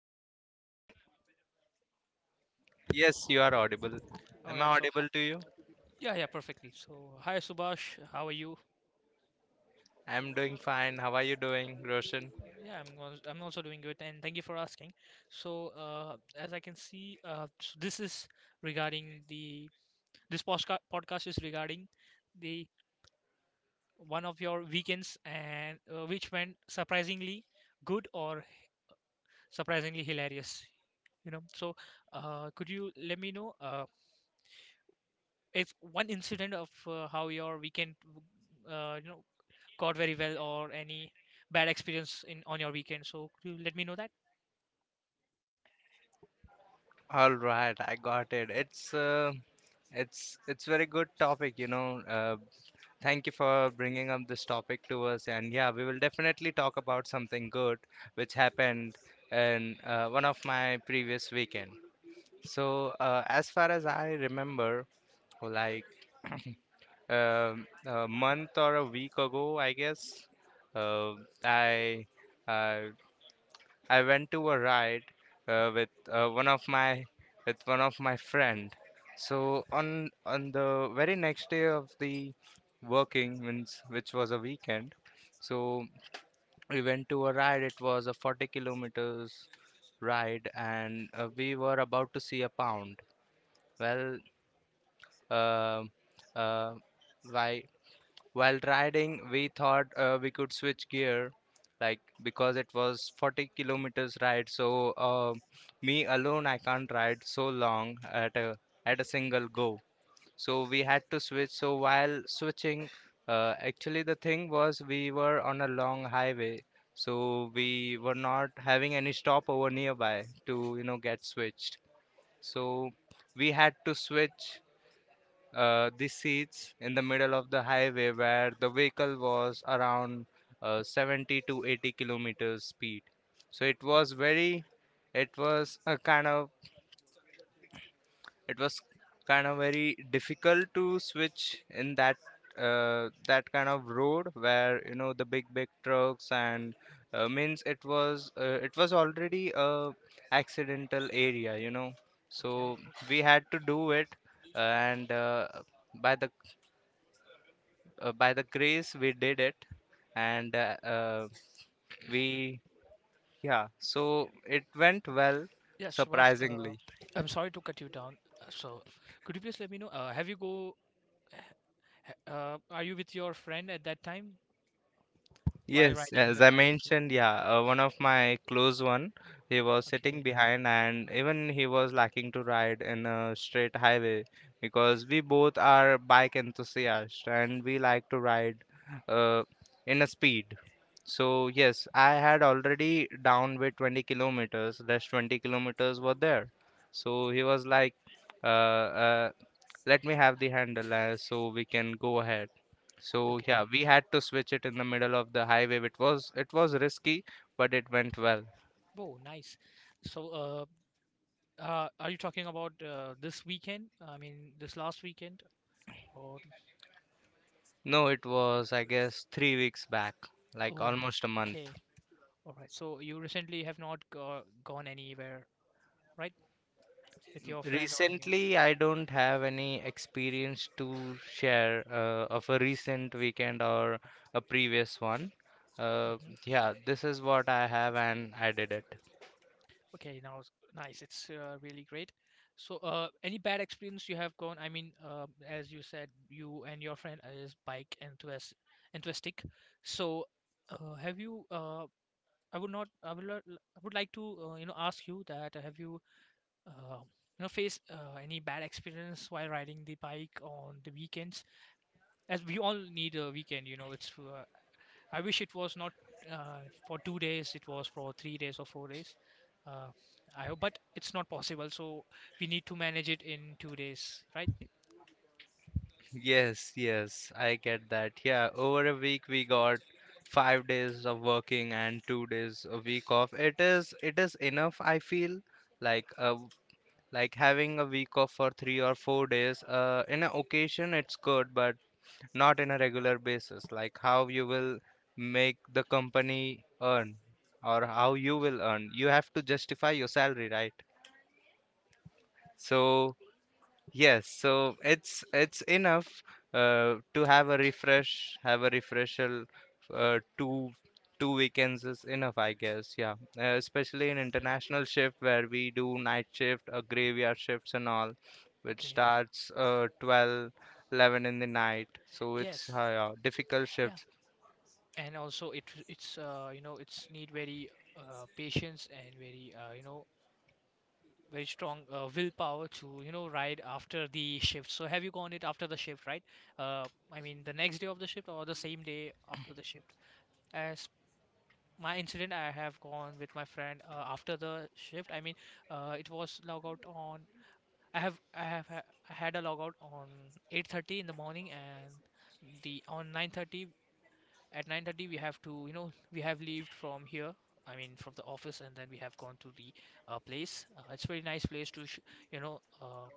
am I audible? Yes, you are audible. All Am I right, so hi- audible to you? Yeah, yeah, perfectly. So, hi Subash, how are you? I'm doing fine. How are you doing, Roshan? I'm also doing good, and thank you for asking. So, as I can see, this is regarding the this podcast is regarding the one of your weekends and which went surprisingly good or surprisingly hilarious. So could you let me know if one incident of how your weekend caught very well or any bad experience in on your weekend. So could you let me know that? All right, I got it. It's very good topic, you know. Thank you for bringing up this topic to us, and yeah, we will definitely talk about something good which happened in one of my previous weekend. So as far as I remember, like a month or a week ago, I guess, uh, I. I I went to a ride with one of my with one of my friend. So on the very next day of the working means which was a weekend. So we went to a ride. It was a 40 kilometers ride, and we were about to see a pound. Well, uh, uh, why while riding, we thought we could switch gear, like because it was 40 kilometers ride. So me alone, I can't ride so long at a single go. So we had to switch. So while switching, actually the thing was we were on a long highway, so we were not having any stopover nearby to get switched. So we had to switch the seats in the middle of the highway where the vehicle was around 70 to 80 kilometers speed, so it was very it was a kind of it was kind of very difficult to switch in that kind of road where the big trucks, and means it was already a accidental area, so Okay. we had to do it, and by the by the grace we did it, and we yeah, so Yeah. it went well Yeah, Shivas, surprisingly. I'm sorry to cut you down. So, could you please let me know? Have you go? Ha- Are you with your friend at that time while Yes, riding the as I bike? Yeah. mentioned, yeah, one of my close one, he was sitting Okay. behind, and even he was lacking to ride in a straight highway because we both are bike enthusiasts and we like to ride uh, in a speed. So yes, I had already down with 20 kilometers, less 20 kilometers were there. So he was like, uh, uh, let me have the handle so we can go ahead. So yeah, Okay. we had to switch it in the middle of the highway. It was risky, but it went well. Oh, nice. So, are you talking about this weekend? I mean, this last weekend? Or No, it was, I guess, 3 weeks back, like oh, almost a month. okay. All right. So you recently have not gone anywhere, right? With your friend or anyone? Recently I don't have any experience to share of a recent weekend or a previous one uh, Mm-hmm. yeah, this is what I have, and I did it. Okay, now it's nice. It's really great. So, any bad experience you have gone? I mean, as you said, you and your friend is bike enthusiastic. So, have you? I would not. I would. Lo- I would like to, ask you that have you, uh, faced any bad experience while riding the bike on the weekends? As we all need a weekend, it's I wish it was not for 2 days, it was for 3 days or 4 days. Uh, I hope, but it's not possible. So we need to manage it in 2 days, right? Yes, yes, I get that. Yeah, over a week we got 5 days of working and 2 days a week off. It is enough, I feel. Like uh, like having a week off for 3 or 4 days. In an occasion it's good, but not in a regular basis. Like how you will make the company earn or how you will earn. You have to justify your salary, right? So. Yes, so it's enough to have a refresher. Uh, two two weekends is enough, I guess. Yeah, especially in Yeah. international shift where we do night shift, graveyard shifts and all, which Okay. starts 12, 11 in the night. So it's Yes. yeah, difficult Yeah. shifts. And also, it it's it's need very patience and very very strong willpower to ride after the shift. So have you gone it after the shift, right? I mean the next day of the shift or the same day after the shift. As my incident, I have gone with my friend after the shift. I mean, it was log out on. I have ha- I had a logout on 8:30 in the morning and the on 9:30 at 9:30, we have to, we have leaved from here. I mean, from the office, and then we have gone to the place. It's a very nice place to, sh you know,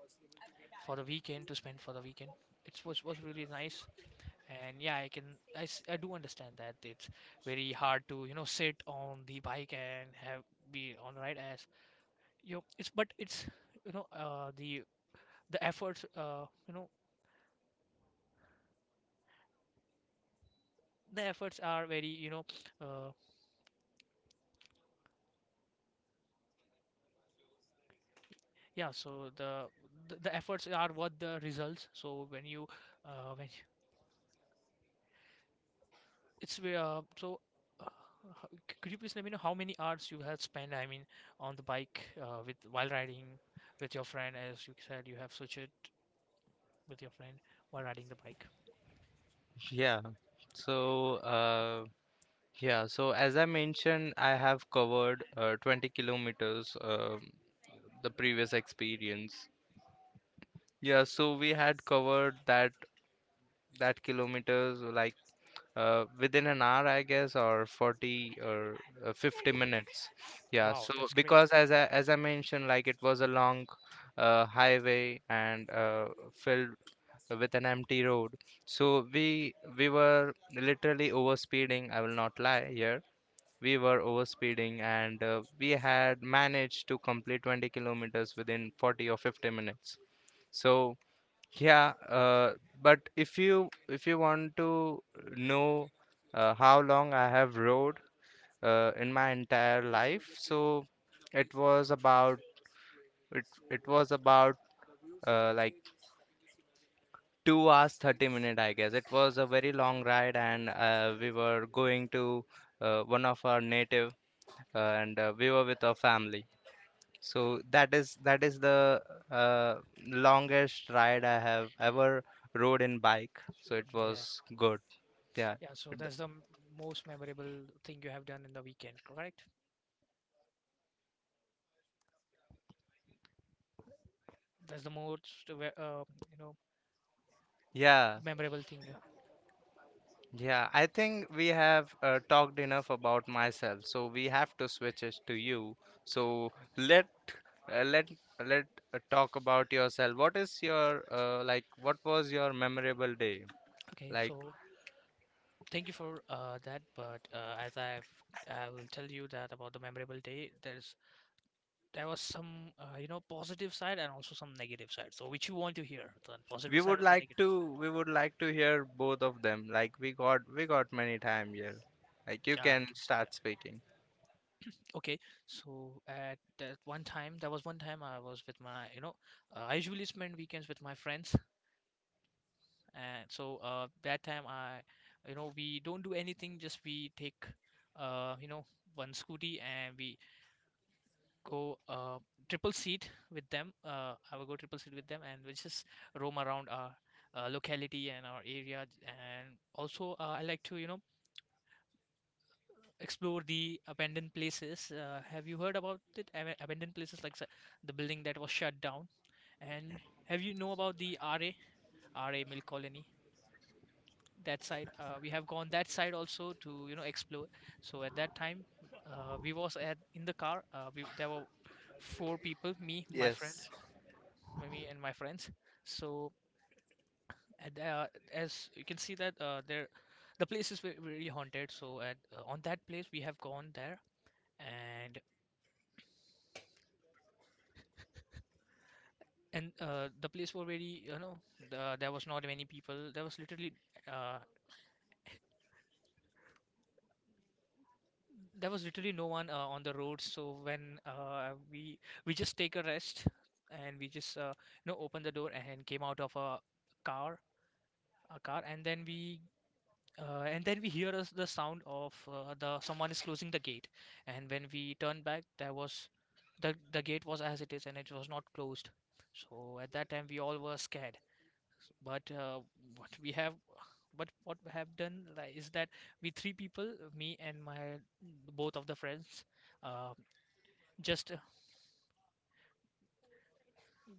for the weekend to spend for the weekend. It was really nice, and yeah, I can I, s- I do understand that it's very hard to sit on the bike and have be on the ride as you know, it's but it's you know the efforts the efforts are very uh, yeah, so the efforts are worth the results. So when you- it's where so uh, ho- c- could you please let me know how many hours you have spent? I mean, on the bike with while riding with your friend, as you said, you have switched it with your friend while riding the bike. Yeah. So, yeah. So as I mentioned, I have covered 20 kilometers. The previous experience. Yeah, so we had covered that kilometers, like within an hour, I guess, or 40 or 50 minutes. Yeah, Wow, so that's great. because as I mentioned, like it was a long highway and filled with an empty road. So we were literally overspeeding. I will not lie here. We were overspeeding, and we had managed to complete 20 kilometers within 40 or 50 minutes. So. Yeah, but if you want to know how long I have rode in my entire life, so it was about it it was about like 2 hours 30 minute, I guess. It was a very long ride, and we were going to one of our native, and we were with our family. So that is the uh, longest ride I have ever rode in bike. So it Yeah, was good. Yeah. yeah. So Th- that's the most memorable thing you have done in the weekend, correct? That's the most you know Yeah. memorable thing. Yeah. Yeah. I think we have talked enough about myself. So we have to switch it to you. So let uh, let let talk about yourself. What is your like? What was your memorable day? Okay, Like, so thank you for that. I will tell you that about the memorable day. There was some positive side and also some negative side. So which you want to hear, the we positive side would or the like negative? to we would like to hear both of them. Like we got many time here, like you Yeah, I can can see that. start speaking. Okay, so at that one time, there was one time I was with my I usually spend weekends with my friends, and so that time I we don't do anything, just we take uh, you know one scooty and we go triple seat with them. I will go triple seat with them, and we'll just roam around our locality and our area. And also, I like to explore the abandoned places. Have you heard about it? Abandoned places like the building that was shut down. And have you know about the RA Mill Colony? That side, we have gone that side also to explore. So at that time, we was at in the car. We There were four people, me, my friend, Yes. me and my friends. So and, uh, as you can see that the place is really haunted. So at on that place we have gone there and the place was very there was not many people. Uh, there was literally no one on the road. So when we just take a rest and we just opened the door and came out of car a car and then we hear us the sound of the someone is closing the gate. And when we turn back, there was the gate was as it is and it was not closed. So at that time we all were scared. But uh, what we have, but what we have done like, is that we three people, me and my both of the friends, uh, just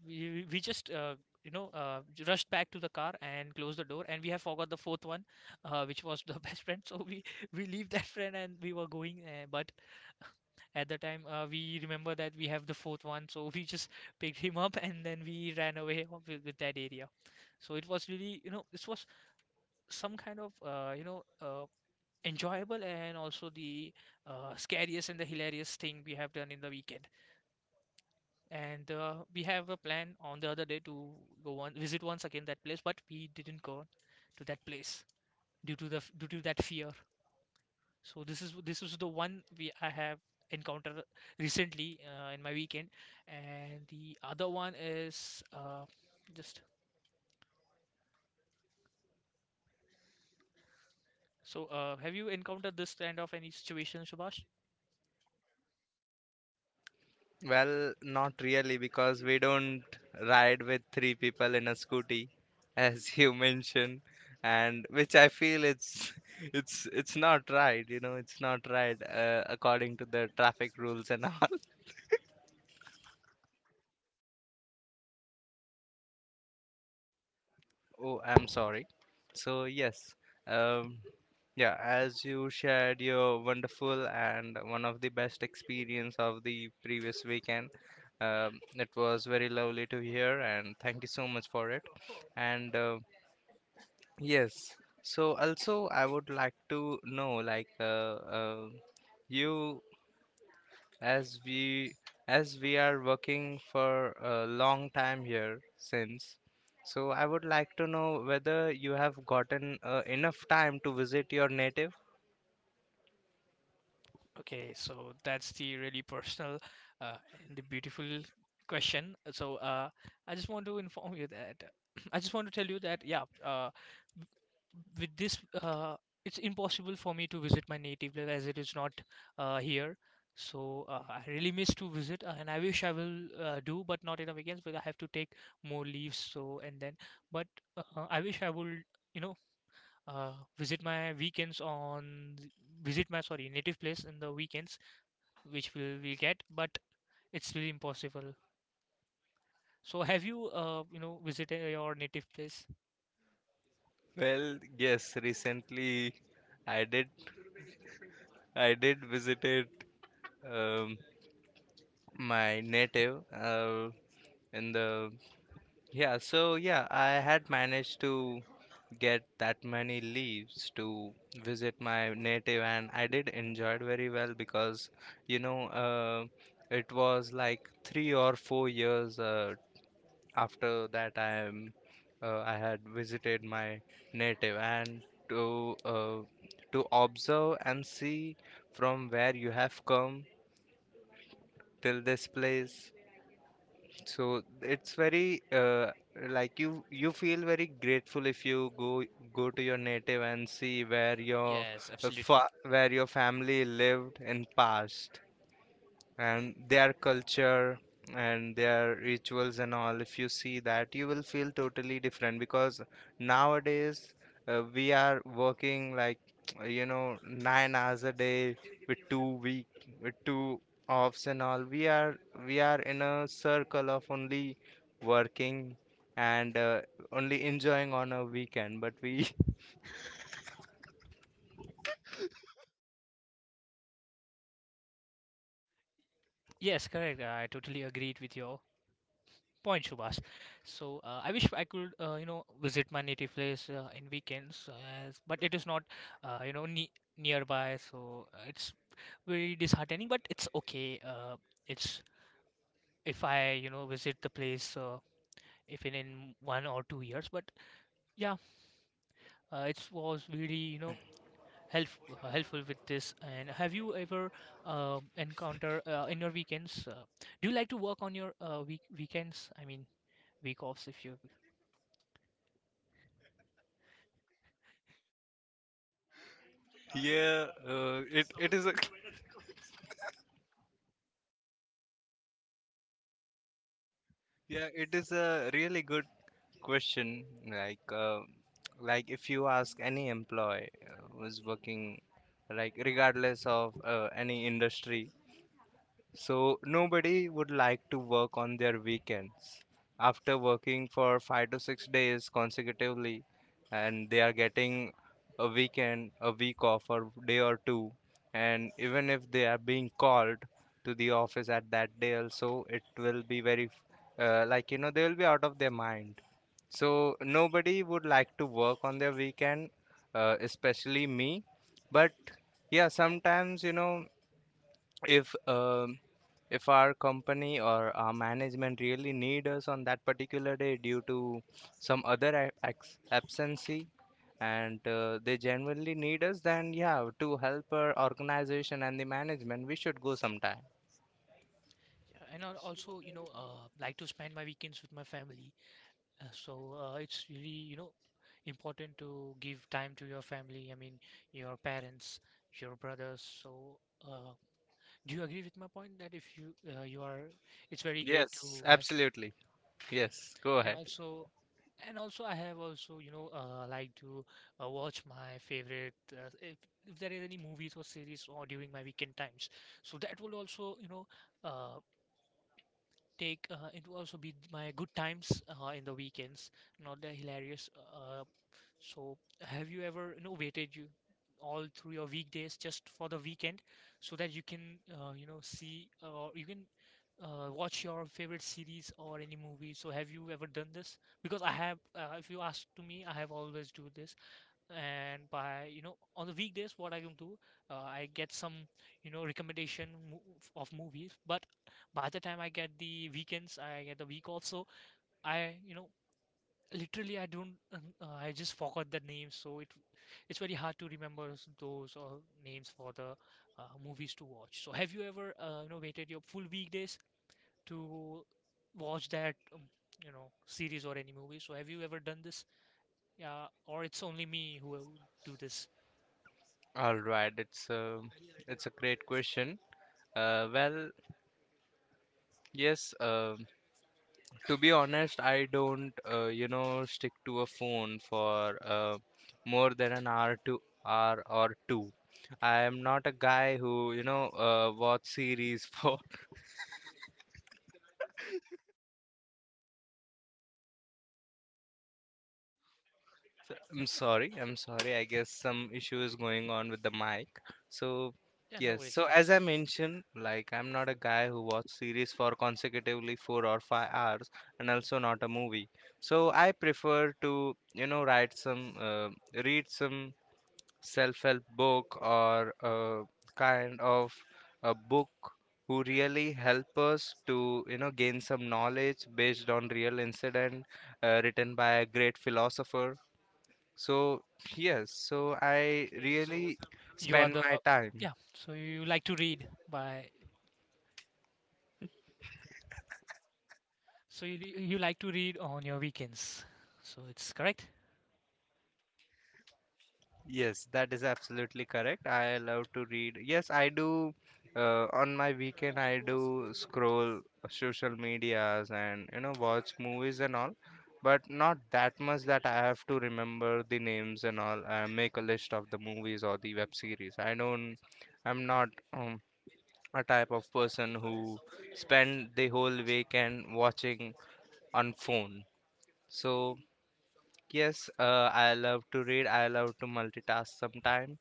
we just rushed back to the car and closed the door and we have forgot the fourth one which was the best friend so we leave that friend and we were going but at the time we remember that we have the fourth one so we just picked him up and then we ran away with that area so it was really this was some kind of enjoyable and also the scariest and the hilarious thing we have done in the weekend and we have a plan on the other day to go on visit once again that place, but we didn't go to that place due to the due to that fear. So this is the one we I have encountered recently in my weekend, and the other one is just so. Have you encountered this kind of any situation, Subhash? Well, not really, because we don't ride with three people in a scooty, as you mentioned, and which I feel it's it's not right, it's not right, according to the traffic rules, and all. Oh, I'm sorry. So, yes, um, yeah, as you shared your wonderful and one of the best experience of the previous weekend, it was very lovely to hear, and thank you so much for it. And yes, so also I would like to know, like, uh, you, as we as we are working for a long time here since. So I would like to know whether you have gotten enough time to visit your native. Okay, so that's the really personal uh, and the beautiful question. So I just want to inform you that I just want to tell you that yeah, with this it's impossible for me to visit my native land as it is not here. So I really miss to visit, and I wish I will do, but not in the weekends because I have to take more leaves. So and then, but I wish I would, you know, uh, visit my weekends on th- visit my sorry native place in the weekends which will we get but it's really impossible. So have you you know visited your native place? Well, yes, recently i did I did visited. um, my native in the yeah, so, yeah, I had managed to get that many leaves to visit my native, and I did enjoy it very well because you know uh, it was like 3 or 4 years after that I had visited my native, and to observe and see from where you have come till this place. So it's very like you feel very grateful if you go to your native and see Yes, uh, fa absolutely. where your family lived in past, and their culture and their rituals and all. If you see that, you will feel totally different, because nowadays we are working like 9 hours a day with two-week with two offs and all. We are in a circle of only working, and only enjoying on a weekend. But we Yes, correct, I totally agreed with your point, Subhas. So I wish I could visit my native place in weekends but it is not uh, you know ne- nearby. So it's very disheartening but it's okay it's if I visit the place even in 1 or 2 years. But yeah, it was really help helpful with this. And have you ever encounter in your weekends? Do you like to work on your weekends? I mean week offs if you Yeah, it is a Yeah, it is a really good question. Like, if you ask any employee who's working, like regardless of any industry, so nobody would like to work on their weekends. After working for 5 to 6 days consecutively, and they are getting a weekend, a week off, or day or two, and even if they are being called to the office at that day, also it will be very, like, they will be out of their mind. So nobody would like to work on their weekend, especially me. But yeah, sometimes, if if our company or our management really need us on that particular day due to some other absency, and they genuinely need us, then yeah, to help our organization and the management, we should go sometime. And I also like to spend my weekends with my family. It's really important to give time to your family. I mean your parents, your brothers. So. Uh, Do you agree with my point that if you you are, it's very great Yes, to yes, absolutely. Yes, go and ahead. also, and also I have also like to watch my favorite if there is any movies or series or during my weekend times. So that will also you know uh, take it will also be my good times in the weekends, not the hilarious so, have you ever, waited you all through your weekdays just for the weekend so that you can, see or you can watch your favorite series or any movie? So, have you ever done this? Because I have, if you ask to me, I have always do this. And by, on the weekdays, what I can do, I get some, recommendation mo of movies. But by the time I get the weekends, I get the week off, so I, you know, literally I don't I just forgot the names so it's very hard to remember those names for the movies to watch. So have you ever waited your full weekdays to watch that series or any movie? So have you ever done this? Yeah, or it's only me who will do this? All right, it's a great question. Well, yes, to be honest, I don't, stick to a phone for more than an hour to hour or two. I am not a guy who, watch series for. I'm sorry, I'm sorry. I guess some issue is going on with the mic. So, Yeah, no yes. worries, So as I that's mentioned, like I'm not a guy who watch series for consecutively 4 or 5 hours, and also not a movie. So I prefer to, read some self-help book, or a kind of a book who really help us to gain some knowledge based on real incident written by a great philosopher. So, yes, so I okay. So really you are spend the my time. yeah, so you like to read by so you like to read on your weekends, so it's correct? Yes, that is absolutely correct. I love to read. Yes, I do. On my weekend, I do scroll social medias and watch movies and all, but not that much that I have to remember the names and all. I make a list of the movies or the web series. I don't. I'm not um, a type of person who spend the whole weekend watching on phone. So yes, I love to read. I love to multitask sometimes.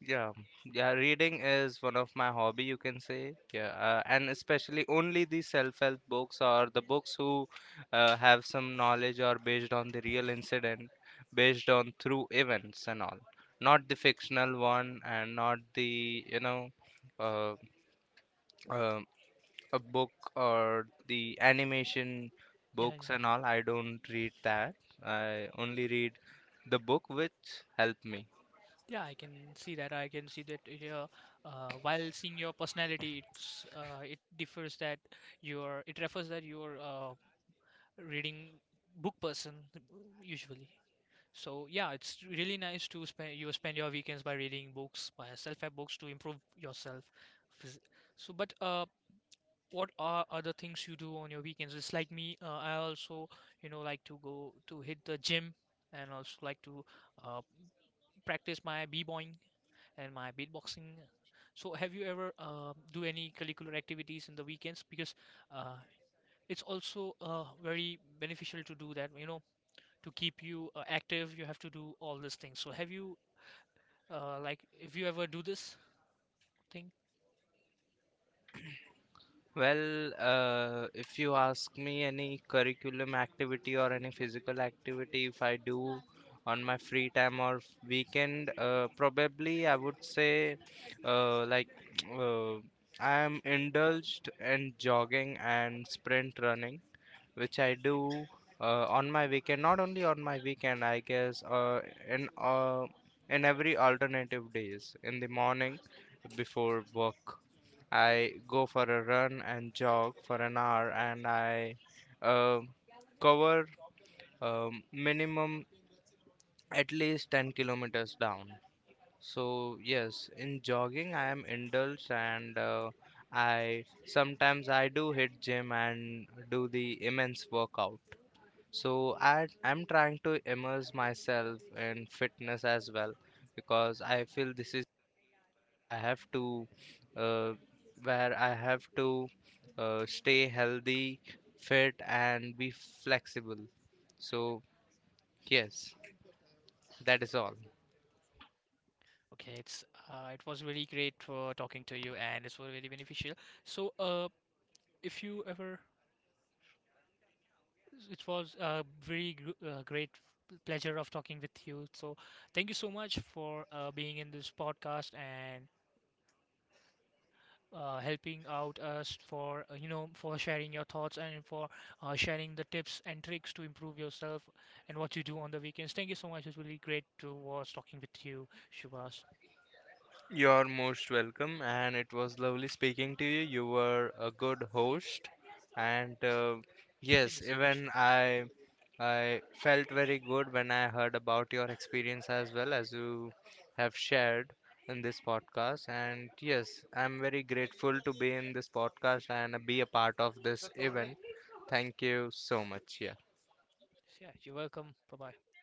Yeah, yeah, reading is one of my hobby, you can say. Yeah, and especially only the self-help books, or the books who have some knowledge or based on the real incident, based on through events and all. Not the fictional one, and not the, uh, uh, a book or the animation Yeah, yeah. books and all. I don't read that. I only read the book which help me. Yeah, I can see that. I can see that uh, while seeing your personality, it's it refers that you're reading book person usually. So yeah, it's really nice to spend you spend your weekends by reading books, by self-help books to improve yourself. Phys- So, but What are other things you do on your weekends? It's like me. I also like to go to hit the gym and also like to uh, practice my b-boying and my beatboxing. So, have you ever do any curricular activities in the weekends? Because uh, it's also very beneficial to do that. You know, to keep you active, you have to do all these things. So, have you like if you ever do this thing? Well, if you ask me any curriculum activity or any physical activity, if I do on my free time or weekend, probably I would say like uh, I am indulged in jogging and sprint running, which I do on my weekend. Not only on my weekend, I guess, in uh, in every alternative days, in the morning before work. I go for a run and jog for an hour, and I uh, cover minimum at least 10 kilometers down. So, yes, in jogging, I am indulged, and I sometimes I do hit gym and do the immense workout. So, I am trying to immerse myself in fitness as well, because I feel this is where I have to uh, where I have to stay healthy, fit, and be flexible. So yes, that is all. Okay, it's it was really great for talking to you, and it's really beneficial. So, if you ever, it was a very great pleasure of talking with you. So, thank you so much for being in this podcast and helping out us for for sharing your thoughts and for sharing the tips and tricks to improve yourself and what you do on the weekends. Thank you so much. It was really great to was talking with you, Shubhas. You're most welcome, and it was lovely speaking to you. You were a good host, and Thank yes, you so much. even I felt very good when I heard about your experience, as well as you have shared in this podcast. And yes, I'm very grateful to be in this podcast and be a part of this event. Thank you so much. Yeah. Yeah, you're welcome. Bye bye.